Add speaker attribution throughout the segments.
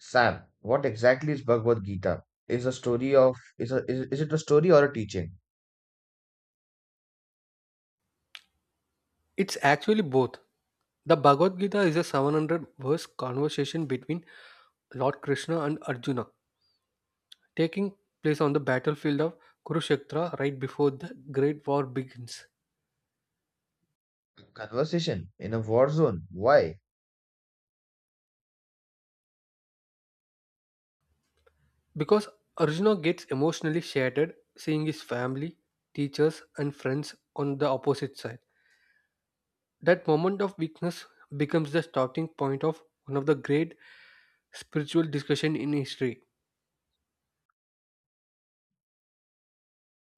Speaker 1: Sam, what exactly is Bhagavad Gita? Is it a story or a teaching?
Speaker 2: It's actually both. The Bhagavad Gita is a 700 verse conversation between Lord Krishna and Arjuna, taking place on the battlefield of Kurukshetra right before the Great War begins.
Speaker 1: Conversation in a war zone. Why?
Speaker 2: Because Arjuna gets emotionally shattered seeing his family, teachers, and friends on the opposite side. That moment of weakness becomes the starting point of one of the great spiritual discussion in history.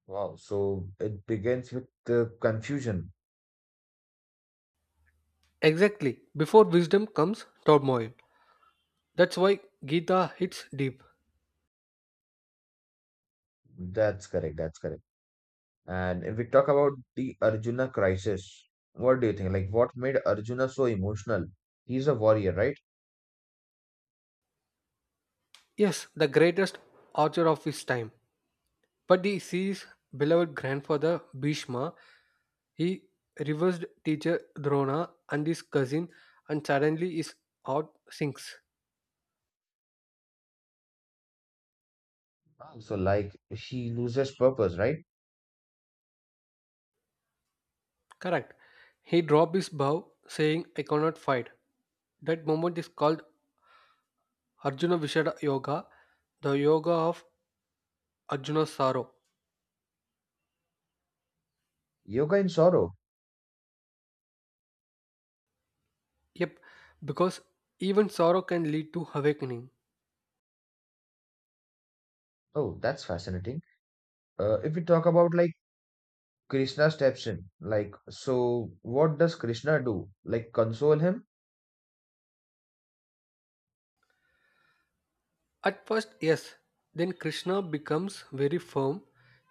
Speaker 1: Wow. So it begins with the confusion.
Speaker 2: Exactly, before wisdom comes turmoil. That's why Gita hits deep.
Speaker 1: That's correct. That's correct. And if we talk about the Arjuna crisis, what do you think? Like, what made Arjuna so emotional? He's a warrior, right?
Speaker 2: Yes, the greatest archer of his time. But he sees beloved grandfather Bhishma, he reversed teacher Drona and his cousin, and suddenly his heart sinks.
Speaker 1: Ah, so, like, he loses purpose, right?
Speaker 2: Correct. He dropped his bow, saying, I cannot fight. That moment is called Arjuna Vishada Yoga, the yoga of Arjuna's sorrow.
Speaker 1: Yoga in sorrow.
Speaker 2: Yep, because even sorrow can lead to awakening.
Speaker 1: Oh, that's fascinating. If we talk about like Krishna steps in. Like, so what does Krishna do? Like, console him?
Speaker 2: At first, yes. Then Krishna becomes very firm.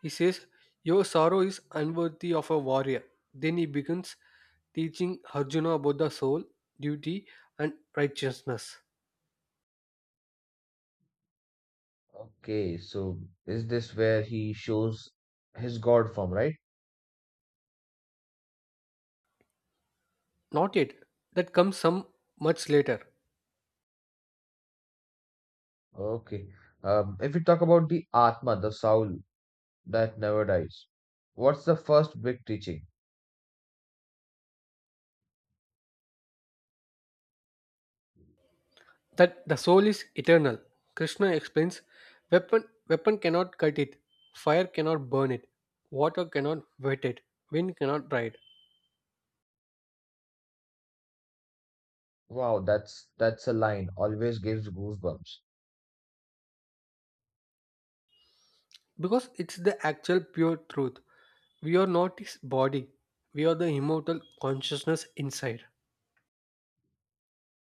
Speaker 2: He says, Your sorrow is unworthy of a warrior. Then he begins teaching Arjuna about the soul, duty, and righteousness.
Speaker 1: Okay, so is this where he shows his God form, right?
Speaker 2: Not yet. That comes some much later.
Speaker 1: Okay. If we talk about the Atma, the soul that never dies, what's the first big teaching?
Speaker 2: That the soul is eternal. Krishna explains weapon cannot cut it, fire cannot burn it, water cannot wet it, wind cannot dry it.
Speaker 1: Wow, that's a line always gives goosebumps.
Speaker 2: Because it's the actual pure truth. We are not his body, we are the immortal consciousness inside.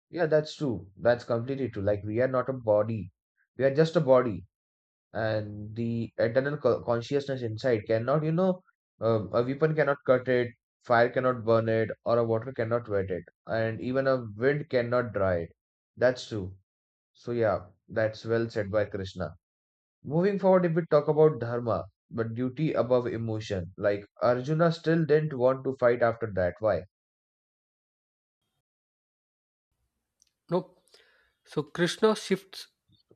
Speaker 1: Yeah, that's true. That's completely true. Like we are not a body. We are just a body, and the eternal consciousness inside cannot, a weapon cannot cut it, fire cannot burn it, or a water cannot wet it, and even a wind cannot dry it. That's true. So yeah, that's well said by Krishna. Moving forward, if we talk about dharma, but duty above emotion, like Arjuna still didn't want to fight after that, why?
Speaker 2: No, so Krishna shifts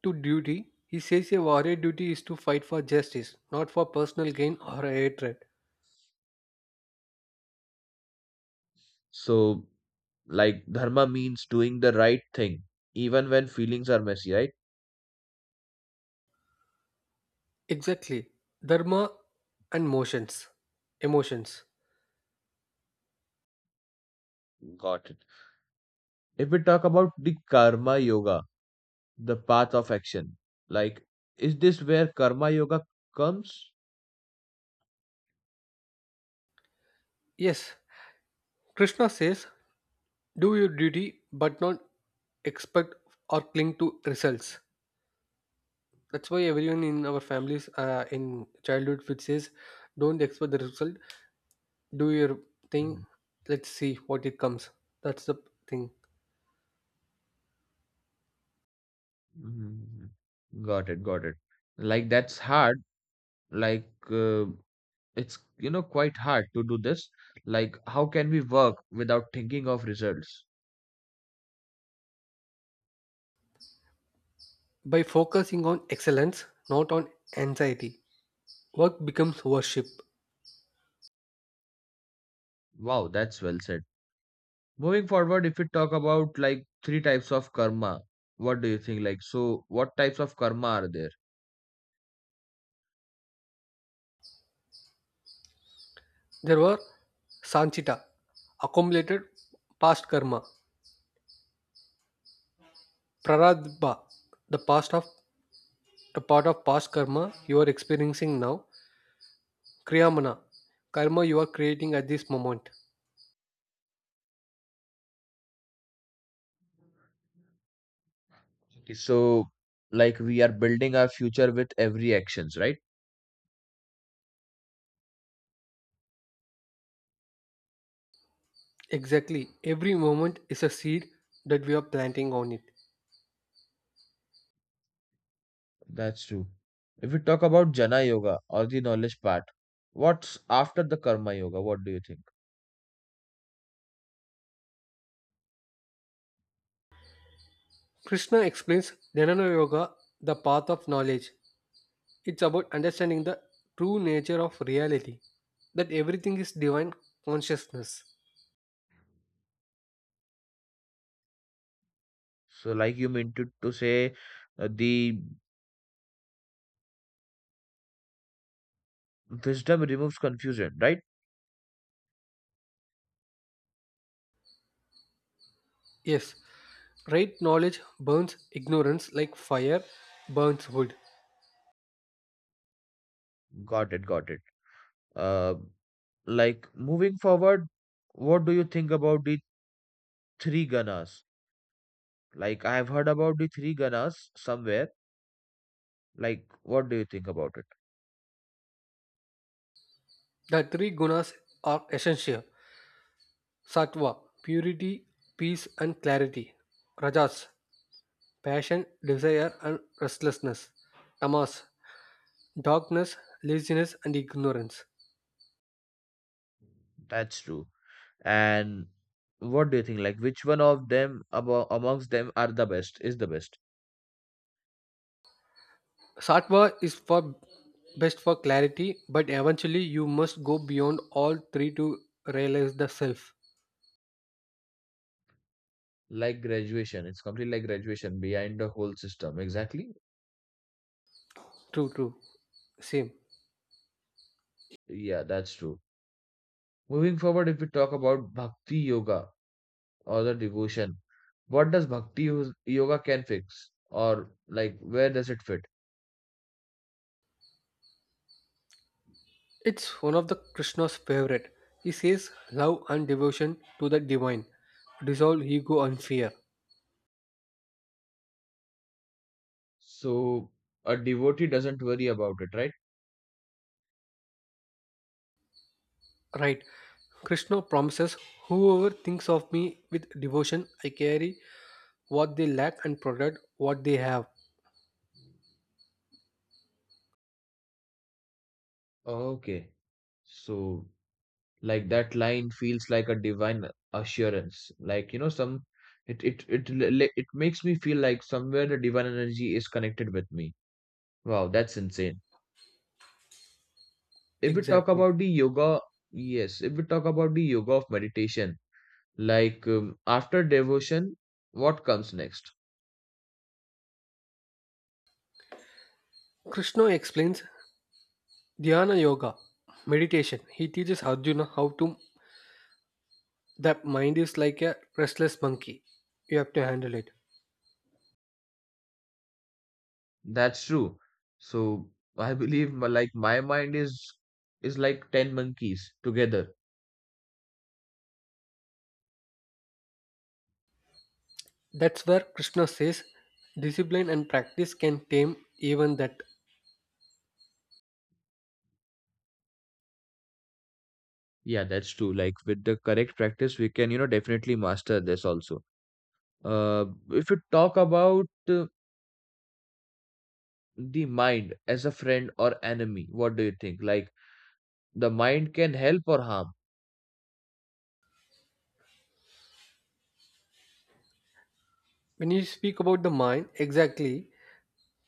Speaker 2: to duty. He says a warrior duty is to fight for justice, not for personal gain or hatred.
Speaker 1: So like dharma means doing the right thing even when feelings are messy, right?
Speaker 2: Exactly, dharma and motions emotions.
Speaker 1: Got it. If we talk about the karma yoga, the path of action. Like, is this where karma yoga comes?
Speaker 2: Yes, Krishna says do your duty but not expect or cling to results. That's why everyone in our families, in childhood which says, don't expect the result, do your thing,
Speaker 1: Mhm,
Speaker 2: let's see what it comes. That's the thing.
Speaker 1: mhm, mhm. Got it, got it. Like that's hard. Like it's, you know, quite hard to do this. Like how can we work without thinking of results?
Speaker 2: By focusing on excellence, not on anxiety, work becomes worship.
Speaker 1: Wow, that's well said. Moving forward, if we talk about like three types of karma, what do you think? Like so, what types of karma are there?
Speaker 2: There were sanchita, accumulated past karma, praradba, the past of the part of past karma you are experiencing now, kriyamana, karma you are creating at this moment.
Speaker 1: Okay, so like we are building our future with every actions, right?
Speaker 2: Exactly, every moment is a seed that we are planting on it.
Speaker 1: That's true. If we talk about Jana Yoga or the knowledge part, what's after the Karma Yoga? What do you think?
Speaker 2: Krishna explains dhyana yoga, the path of knowledge. It's about understanding the true nature of reality, that everything is divine consciousness.
Speaker 1: So, like you meant to say, the wisdom removes confusion, right?
Speaker 2: Yes, right knowledge burns ignorance like fire burns wood.
Speaker 1: Got it, got it. Uh, like moving forward, what do you think about the three Ganas? Like, I have heard about the three Ganas somewhere. Like, what do you think about it?
Speaker 2: The three gunas are essential: sattva, purity, peace, and clarity. Rajas, passion, desire, and restlessness. Tamas, darkness, laziness, and ignorance.
Speaker 1: That's true. And what do you think? Like, which one of them abo amongst them are the best? Is the best?
Speaker 2: Sattva is for best for clarity, but eventually you must go beyond all three to realize the self.
Speaker 1: Like graduation, it's completely like graduation behind the whole system. Exactly.
Speaker 2: True, true. Same.
Speaker 1: Yeah, that's true. Moving forward, if we talk about bhakti yoga or the devotion, what does bhakti yoga can fix or like where does it fit?
Speaker 2: It's one of the Krishna's favorite. He says love and devotion to the divine. Dissolve ego and fear.
Speaker 1: So a devotee doesn't worry about it, right?
Speaker 2: Right. Krishna promises whoever thinks of me with devotion, I carry what they lack and protect what they have.
Speaker 1: Okay. So like that line feels like a divine assurance. Like, you know, some it makes me feel like somewhere the divine energy is connected with me. Wow, that's insane. If we talk
Speaker 2: Exactly.
Speaker 1: about the yoga, yes, if we talk about the yoga of meditation, like after devotion, what comes next?
Speaker 2: Krishna explains Dhyana Yoga, meditation. He teaches Arjuna how to. The mind is like a restless monkey. You have to handle it.
Speaker 1: That's true. So I believe my, like my mind is like 10 monkeys together.
Speaker 2: That's where Krishna says discipline and practice can tame even that.
Speaker 1: Yeah, that's true. Like with the correct practice, we can, you know, definitely master this also. If you talk about the mind as a friend or enemy, what do you think? Like the mind can help or harm?
Speaker 2: When you speak about the mind, exactly,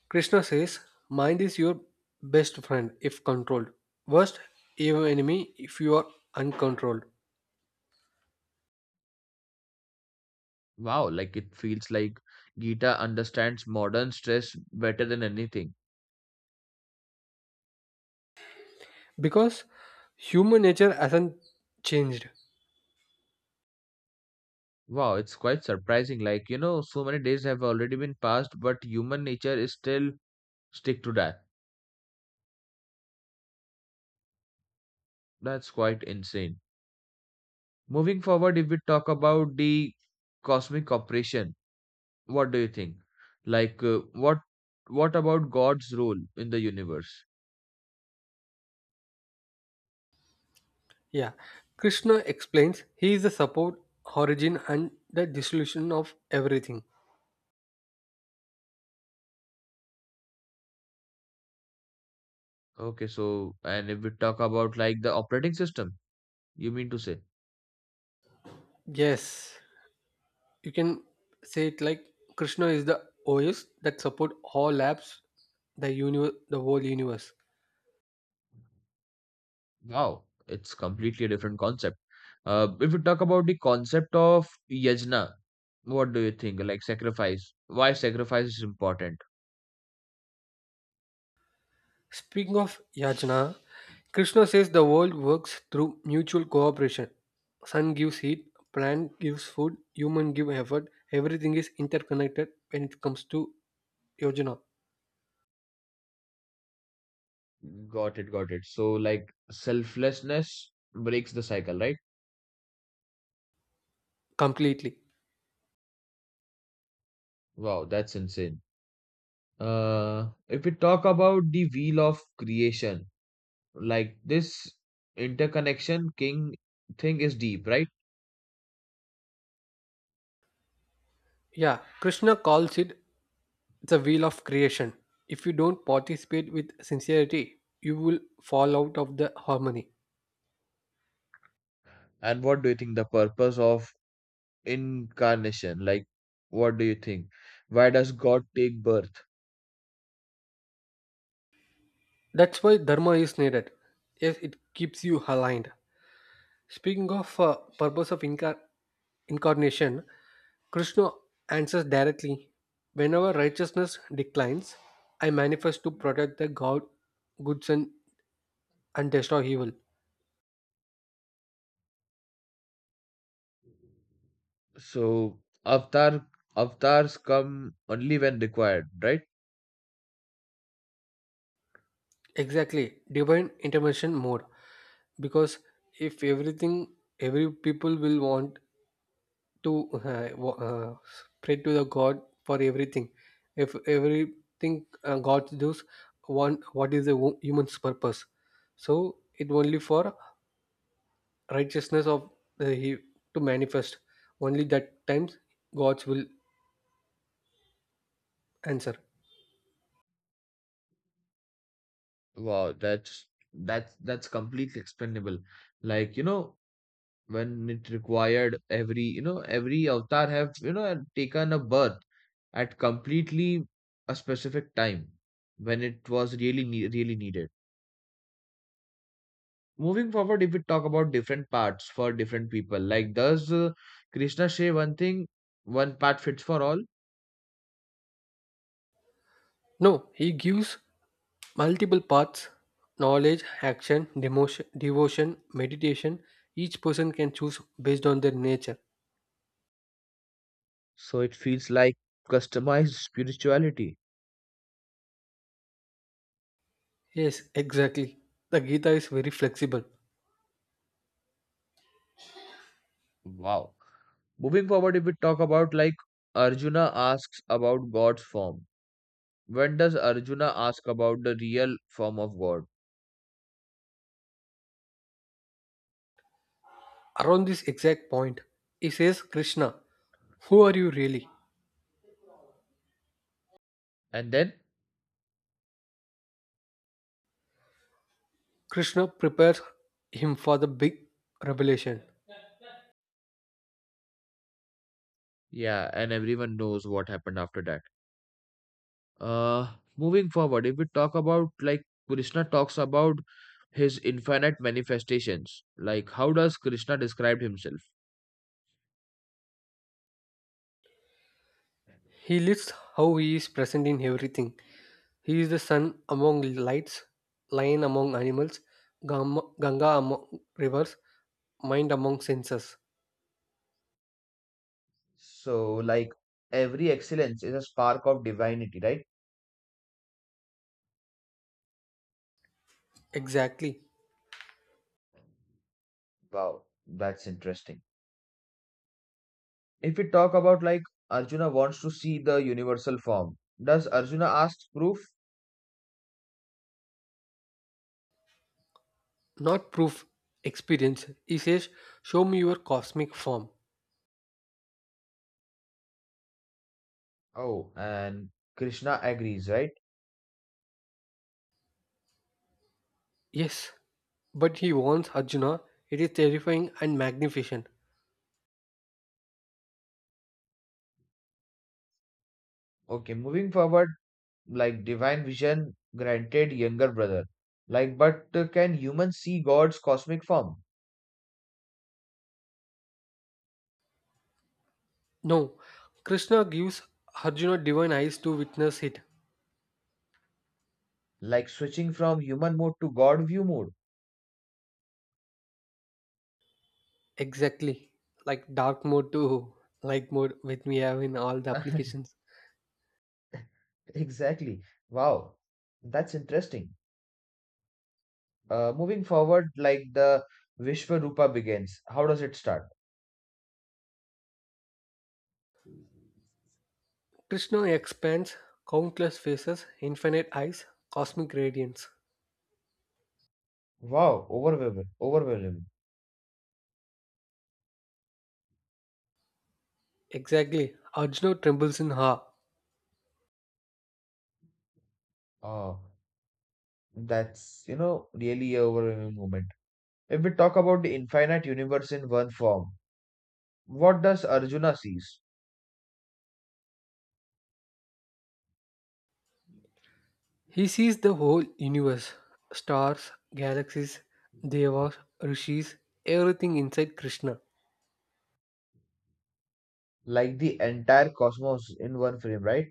Speaker 2: Krishna says mind is your best friend if controlled. Worst even enemy if you are uncontrolled.
Speaker 1: Wow, like it feels like Gita understands modern stress better than anything.
Speaker 2: Because human nature hasn't changed.
Speaker 1: Wow, it's quite surprising. Like, you know, so many days have already been passed, but human nature is still stick to that. That's quite insane. Moving forward, if we talk about the cosmic operation, what do you think? Like, what about God's role in the universe?
Speaker 2: Yeah. Krishna explains he is the support, origin, and the dissolution of everything.
Speaker 1: Okay, so and if we talk about like the operating system, you mean to say?
Speaker 2: Yes, you can say it like Krishna is the OS that support all apps, the universe, the whole universe.
Speaker 1: Wow, it's completely different concept. If we talk about the concept of yajna, what do you think? Like sacrifice. Why sacrifice is important?
Speaker 2: Speaking of yajna, Krishna says the world works through mutual cooperation. Sun gives heat, plant gives food, human give effort. Everything is interconnected when it comes to yojana.
Speaker 1: Got it, got it. So like selflessness breaks the cycle, right?
Speaker 2: Completely.
Speaker 1: Wow, that's insane. If we talk about the wheel of creation, like this interconnection king thing is deep, right?
Speaker 2: Yeah, Krishna calls it the wheel of creation. If you don't participate with sincerity, you will fall out of the harmony.
Speaker 1: And what do you think the purpose of incarnation, like what do you think, why does God take birth?
Speaker 2: That's why dharma is needed. Yes, it keeps you aligned. Speaking of purpose of incarnation, Krishna answers directly. Whenever righteousness declines, I manifest to protect the God, goods, and destroy evil.
Speaker 1: So avatar, avatars come only when required, right?
Speaker 2: Exactly, divine intervention mode. Because if everything, every people will want to pray to the god for everything. If everything god does one, what is the wo- human's purpose? So it only for righteousness of he to manifest only that times, god's will answer.
Speaker 1: Wow, that's completely explainable. Like, you know, when it required, every, you know, every avatar have, you know, taken a birth at completely a specific time when it was really really needed. Moving forward, if we talk about different parts for different people, like does Krishna say one thing, one part fits for all?
Speaker 2: No, he gives multiple paths: knowledge, action, devotion, meditation. Each person can choose based on their nature.
Speaker 1: So it feels like customized spirituality.
Speaker 2: Yes, exactly, the Gita is very flexible.
Speaker 1: Wow. Moving forward, if we talk about like Arjuna asks about God's form, when does Arjuna ask about the real form of God?
Speaker 2: Around this exact point, he says, Krishna, who are you really?
Speaker 1: And then?
Speaker 2: Krishna prepares him for the big revelation.
Speaker 1: Yeah, and everyone knows what happened after that. Moving forward, if we talk about like Krishna talks about his infinite manifestations, like how does Krishna describe himself?
Speaker 2: He lists how he is present in everything. He is the sun among lights, lion among animals, Ganga among rivers, mind among senses.
Speaker 1: So, like every excellence is a spark of divinity, right?
Speaker 2: Exactly.
Speaker 1: Wow, that's interesting. If we talk about like Arjuna wants to see the universal form, does Arjuna ask proof?
Speaker 2: Not proof, experience. He says, Show me your cosmic form.
Speaker 1: Oh, and Krishna agrees, right?
Speaker 2: Yes. But he warns Arjuna, it is terrifying and magnificent.
Speaker 1: Okay, moving forward, like divine vision granted younger brother, like but can humans see God's cosmic form?
Speaker 2: No, Krishna gives Arjuna divine eyes to witness it.
Speaker 1: Like switching from human mode to God view mode.
Speaker 2: Exactly. Like dark mode to light mode, which we have in all the applications.
Speaker 1: Exactly. Wow, that's interesting. Moving forward, like the vishvarupa begins, how does it start?
Speaker 2: Krishna expands countless faces, infinite eyes, cosmic radiance.
Speaker 1: Wow, overwhelming, overwhelming.
Speaker 2: Exactly. Arjuna trembles in awe.
Speaker 1: Oh, that's, you know, really a overwhelming moment. If we talk about the infinite universe in one form, what does Arjuna sees?
Speaker 2: He sees the whole universe: stars, galaxies, devas, rishis, everything inside Krishna.
Speaker 1: Like the entire cosmos in one frame, right?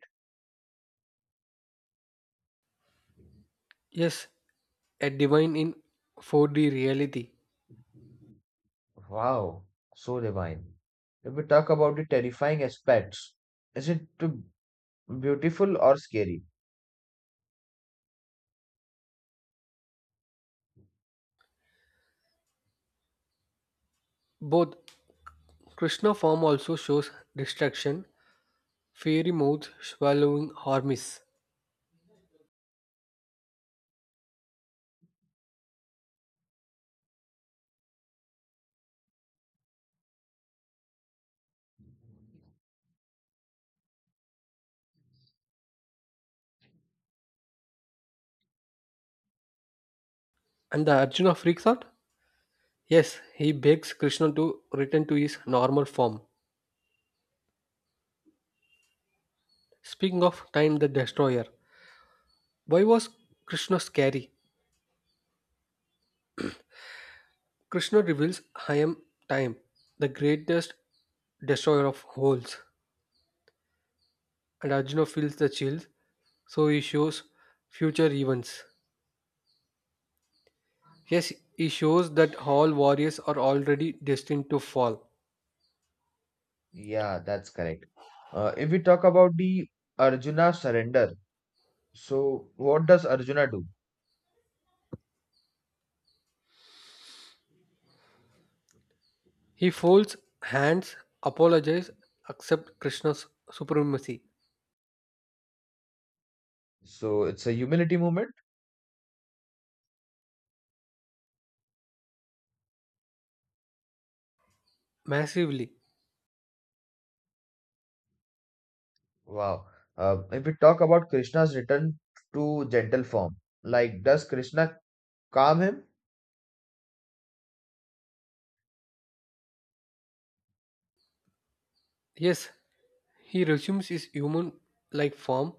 Speaker 2: Yes, a divine in 4D reality.
Speaker 1: Wow, so divine. If we talk about the terrifying aspects, is it too beautiful or scary?
Speaker 2: Both Krishna form also shows distraction, fiery mouth, swallowing armies. And the Arjuna freaks out? Yes, he begs Krishna to return to his normal form. Speaking of Time the Destroyer, why was Krishna scary? Krishna reveals I am Time, the greatest destroyer of holes. And Arjuna feels the chills, so he shows future events. Yes, he shows that all warriors are already destined to fall.
Speaker 1: Yeah, that's correct. If we talk about the Arjuna surrender, so what does Arjuna do?
Speaker 2: He folds hands, apologizes, accepts Krishna's supremacy
Speaker 1: So it's a humility movement.
Speaker 2: massively.
Speaker 1: Wow. If we talk about Krishna's return to gentle form, like does Krishna calm him?
Speaker 2: Yes, he resumes his human like form.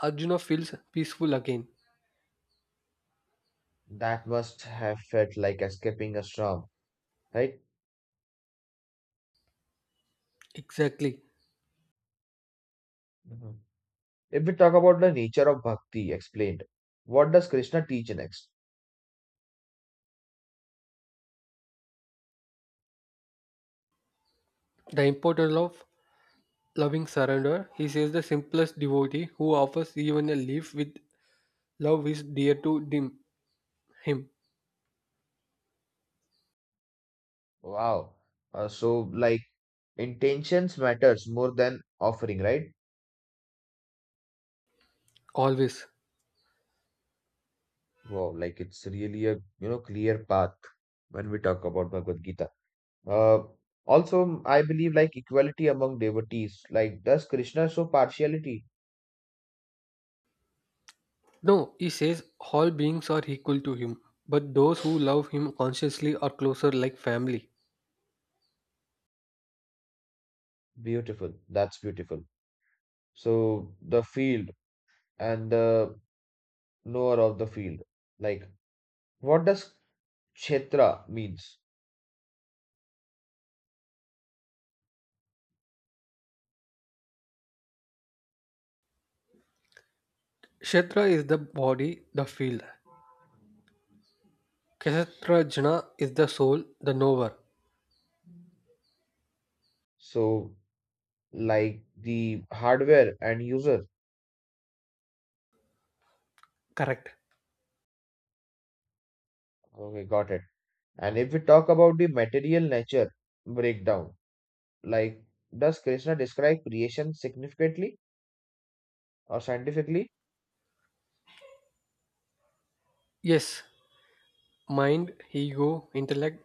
Speaker 2: Arjuna feels peaceful again.
Speaker 1: That must have felt like escaping a storm, right?
Speaker 2: Exactly.
Speaker 1: Mhm. If we talk about the nature of bhakti explained, what does Krishna teach next?
Speaker 2: The importance of loving surrender. He says the simplest devotee who offers even a leaf with love is dear to him.
Speaker 1: Wow. So like intentions matters more than offering, right?
Speaker 2: Always.
Speaker 1: Wow, like it's really a, you know, clear path when we talk about Bhagavad Gita. Uh, Also, I believe like equality among devotees. Like, does Krishna show partiality?
Speaker 2: No, he says all beings are equal to him, but those who love him consciously are closer like family.
Speaker 1: Beautiful. That's beautiful. So the field and the knower of the field. Like, what does kshetra means?
Speaker 2: Kshetra is the body, the field. Kshetra jna is the soul, the knower.
Speaker 1: So like the hardware and user.
Speaker 2: Correct.
Speaker 1: Okay, got it. And if we talk about the material nature breakdown, like does Krishna describe creation significantly or scientifically?
Speaker 2: Yes, mind, ego, intellect,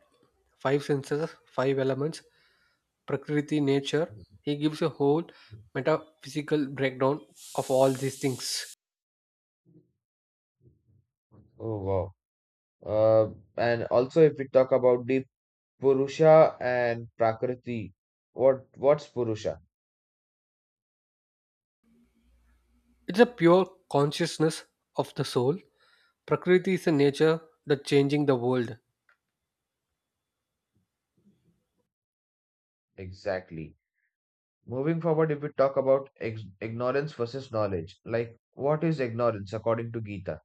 Speaker 2: five senses, five elements, Prakriti, nature. He gives a whole metaphysical breakdown of all these things.
Speaker 1: Oh wow. Uh, and also if we talk about the Purusha and Prakriti, what's Purusha
Speaker 2: It's a pure consciousness of the soul. Prakriti is a nature that changing the world.
Speaker 1: exactly? Moving forward, if we talk about ex ignorance versus knowledge, like what is ignorance according to Gita,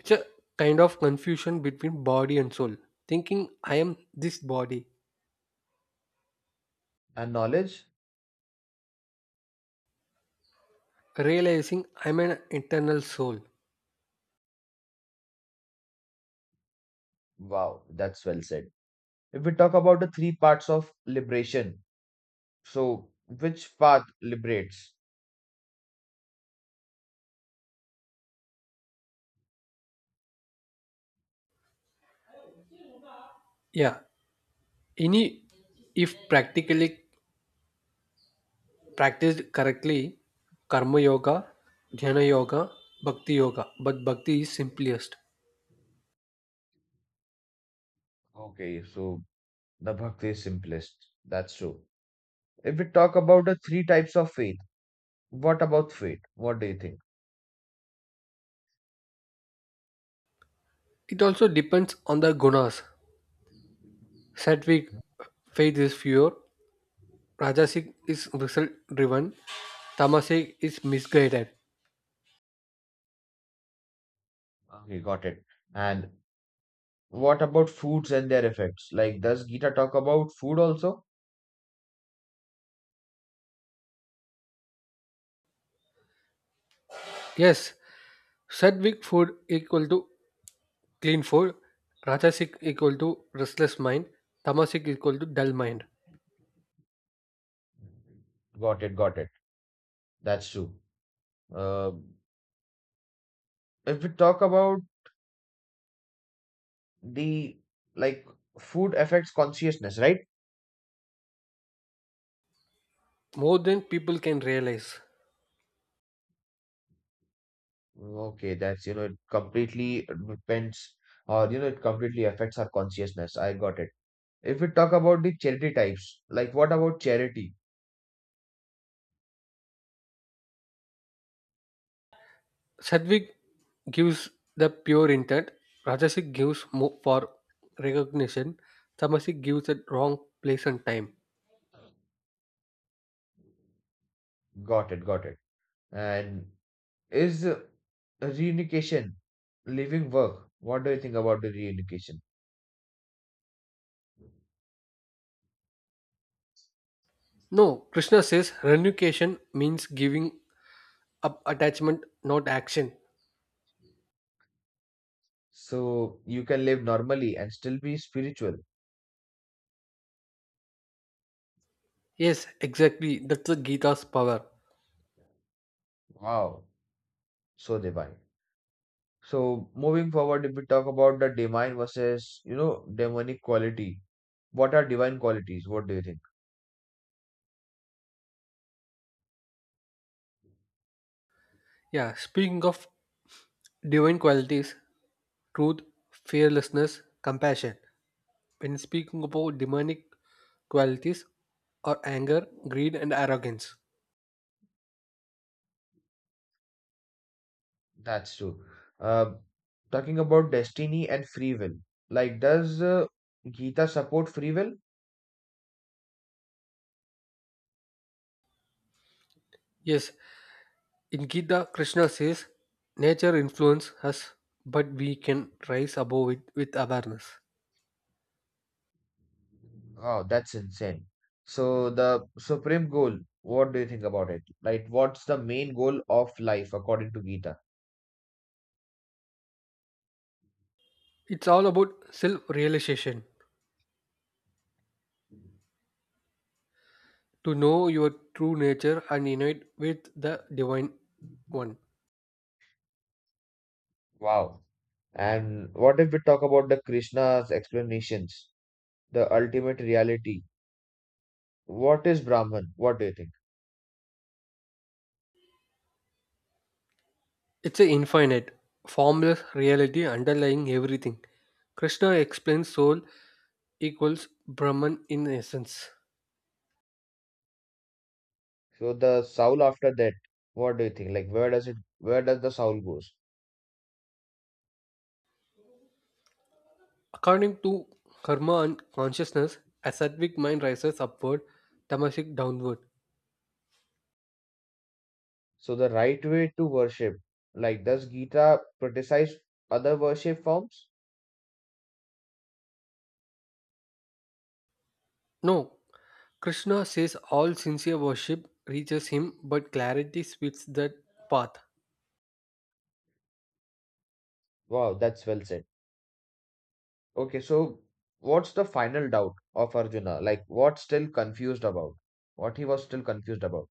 Speaker 2: It's a kind of confusion between body and soul. Thinking I am this body,
Speaker 1: and knowledge?
Speaker 2: realizing I'm an internal soul.
Speaker 1: Wow, that's well said. If we talk about the three parts of liberation, so which path liberates?
Speaker 2: Yeah, any if practically practiced correctly, karma yoga, jnana yoga, bhakti yoga, but bhakti is simplest.
Speaker 1: Okay, so the bhakti is simplest. That's true. If we talk about the three types of faith, what about faith? What do you think?
Speaker 2: It also depends on the gunas. Sattvic faith is pure, rajasic is result driven, tamasic is misguided.
Speaker 1: Okay, got it. And what about foods and their effects? Like, does Gita talk about food also?
Speaker 2: Yes, sattvic food equal to clean food, rajasic equal to restless mind, tamasic equal to dull mind.
Speaker 1: Got it, got it. That's true. Uh, if we talk about the like food affects consciousness, right?
Speaker 2: More than people can realize.
Speaker 1: Okay, that's, you know, it completely depends or, you know, it completely affects our consciousness. I got it. If we talk about the charity types, like what about charity?
Speaker 2: Sadvik gives the pure intent, Rajasic gives more for recognition, Tamasic gives at wrong place and time.
Speaker 1: Got it, got it. And is reunification, living work, what do you think about the reunification?
Speaker 2: No, Krishna says renunciation means giving up attachment, not action.
Speaker 1: So you can live normally and still be spiritual.
Speaker 2: Yes, exactly. That's the Gita's power.
Speaker 1: Wow, so divine. So moving forward, if we talk about the divine versus, you know, demonic quality, what are divine qualities? What do you think?
Speaker 2: Yeah, speaking of divine qualities, truth, fearlessness, compassion. When speaking about demonic qualities, or anger, greed, and arrogance.
Speaker 1: That's true. Uh, Talking about destiny and free will, like does Gita support free will?
Speaker 2: Yes, in Gita, Krishna says, Nature influences us, but we can rise above it with awareness.
Speaker 1: Oh, that's insane. So the supreme goal, what do you think about it? Like, what's the main goal of life according to Gita?
Speaker 2: It's all about self realization, to know your true nature and unite with the Divine One.
Speaker 1: Wow. And what if we talk about the Krishna's explanations, the ultimate reality? What is Brahman? What do you think?
Speaker 2: It's an infinite, formless reality underlying everything. Krishna explains soul equals Brahman in essence.
Speaker 1: So the soul after that, what do you think? Like, where does the soul goes?
Speaker 2: According to karma and consciousness, a sattvic mind rises upward, tamasic downward.
Speaker 1: So the right way to worship, like does Gita criticize other worship forms?
Speaker 2: No, Krishna says all sincere worship reaches him, but clarity splits that path.
Speaker 1: Wow, that's well said. Okay, so what's the final doubt of Arjuna? Like what's still confused about? What he was still confused about?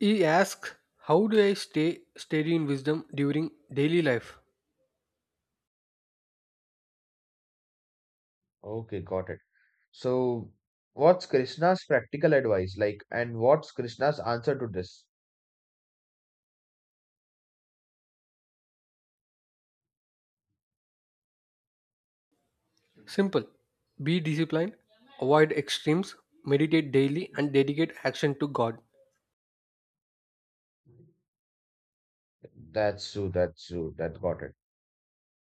Speaker 2: He asks, How do I stay steady in wisdom during daily life?
Speaker 1: Okay, got it. So what's Krishna's practical advice like, and what's Krishna's answer to this?
Speaker 2: Simple. Be disciplined, avoid extremes, meditate daily, and dedicate action to God.
Speaker 1: That's true, that got it.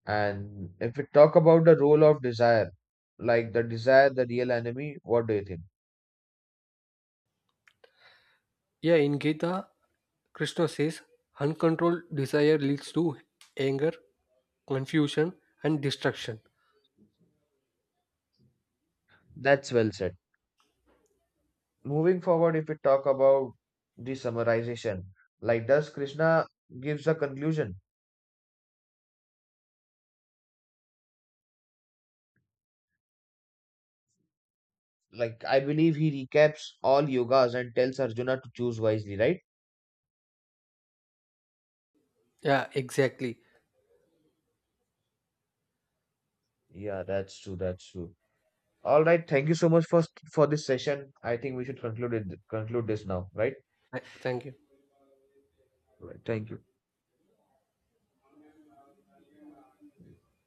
Speaker 1: And if we talk about the role of desire, like the desire, the real enemy, what do you think?
Speaker 2: Yeah, in Gita, Krishna says, Uncontrolled desire leads to anger, confusion, and destruction.
Speaker 1: That's well said. Moving forward, if we talk about the summarization, like does Krishna gives a conclusion? Like I believe he recaps all yogas and tells Arjuna to choose wisely, right?
Speaker 2: Yeah, exactly.
Speaker 1: Yeah, that's true. That's true. All right. Thank you so much for this session. I think we should conclude conclude this now, right?
Speaker 2: Thank you.
Speaker 1: Right. Thank you.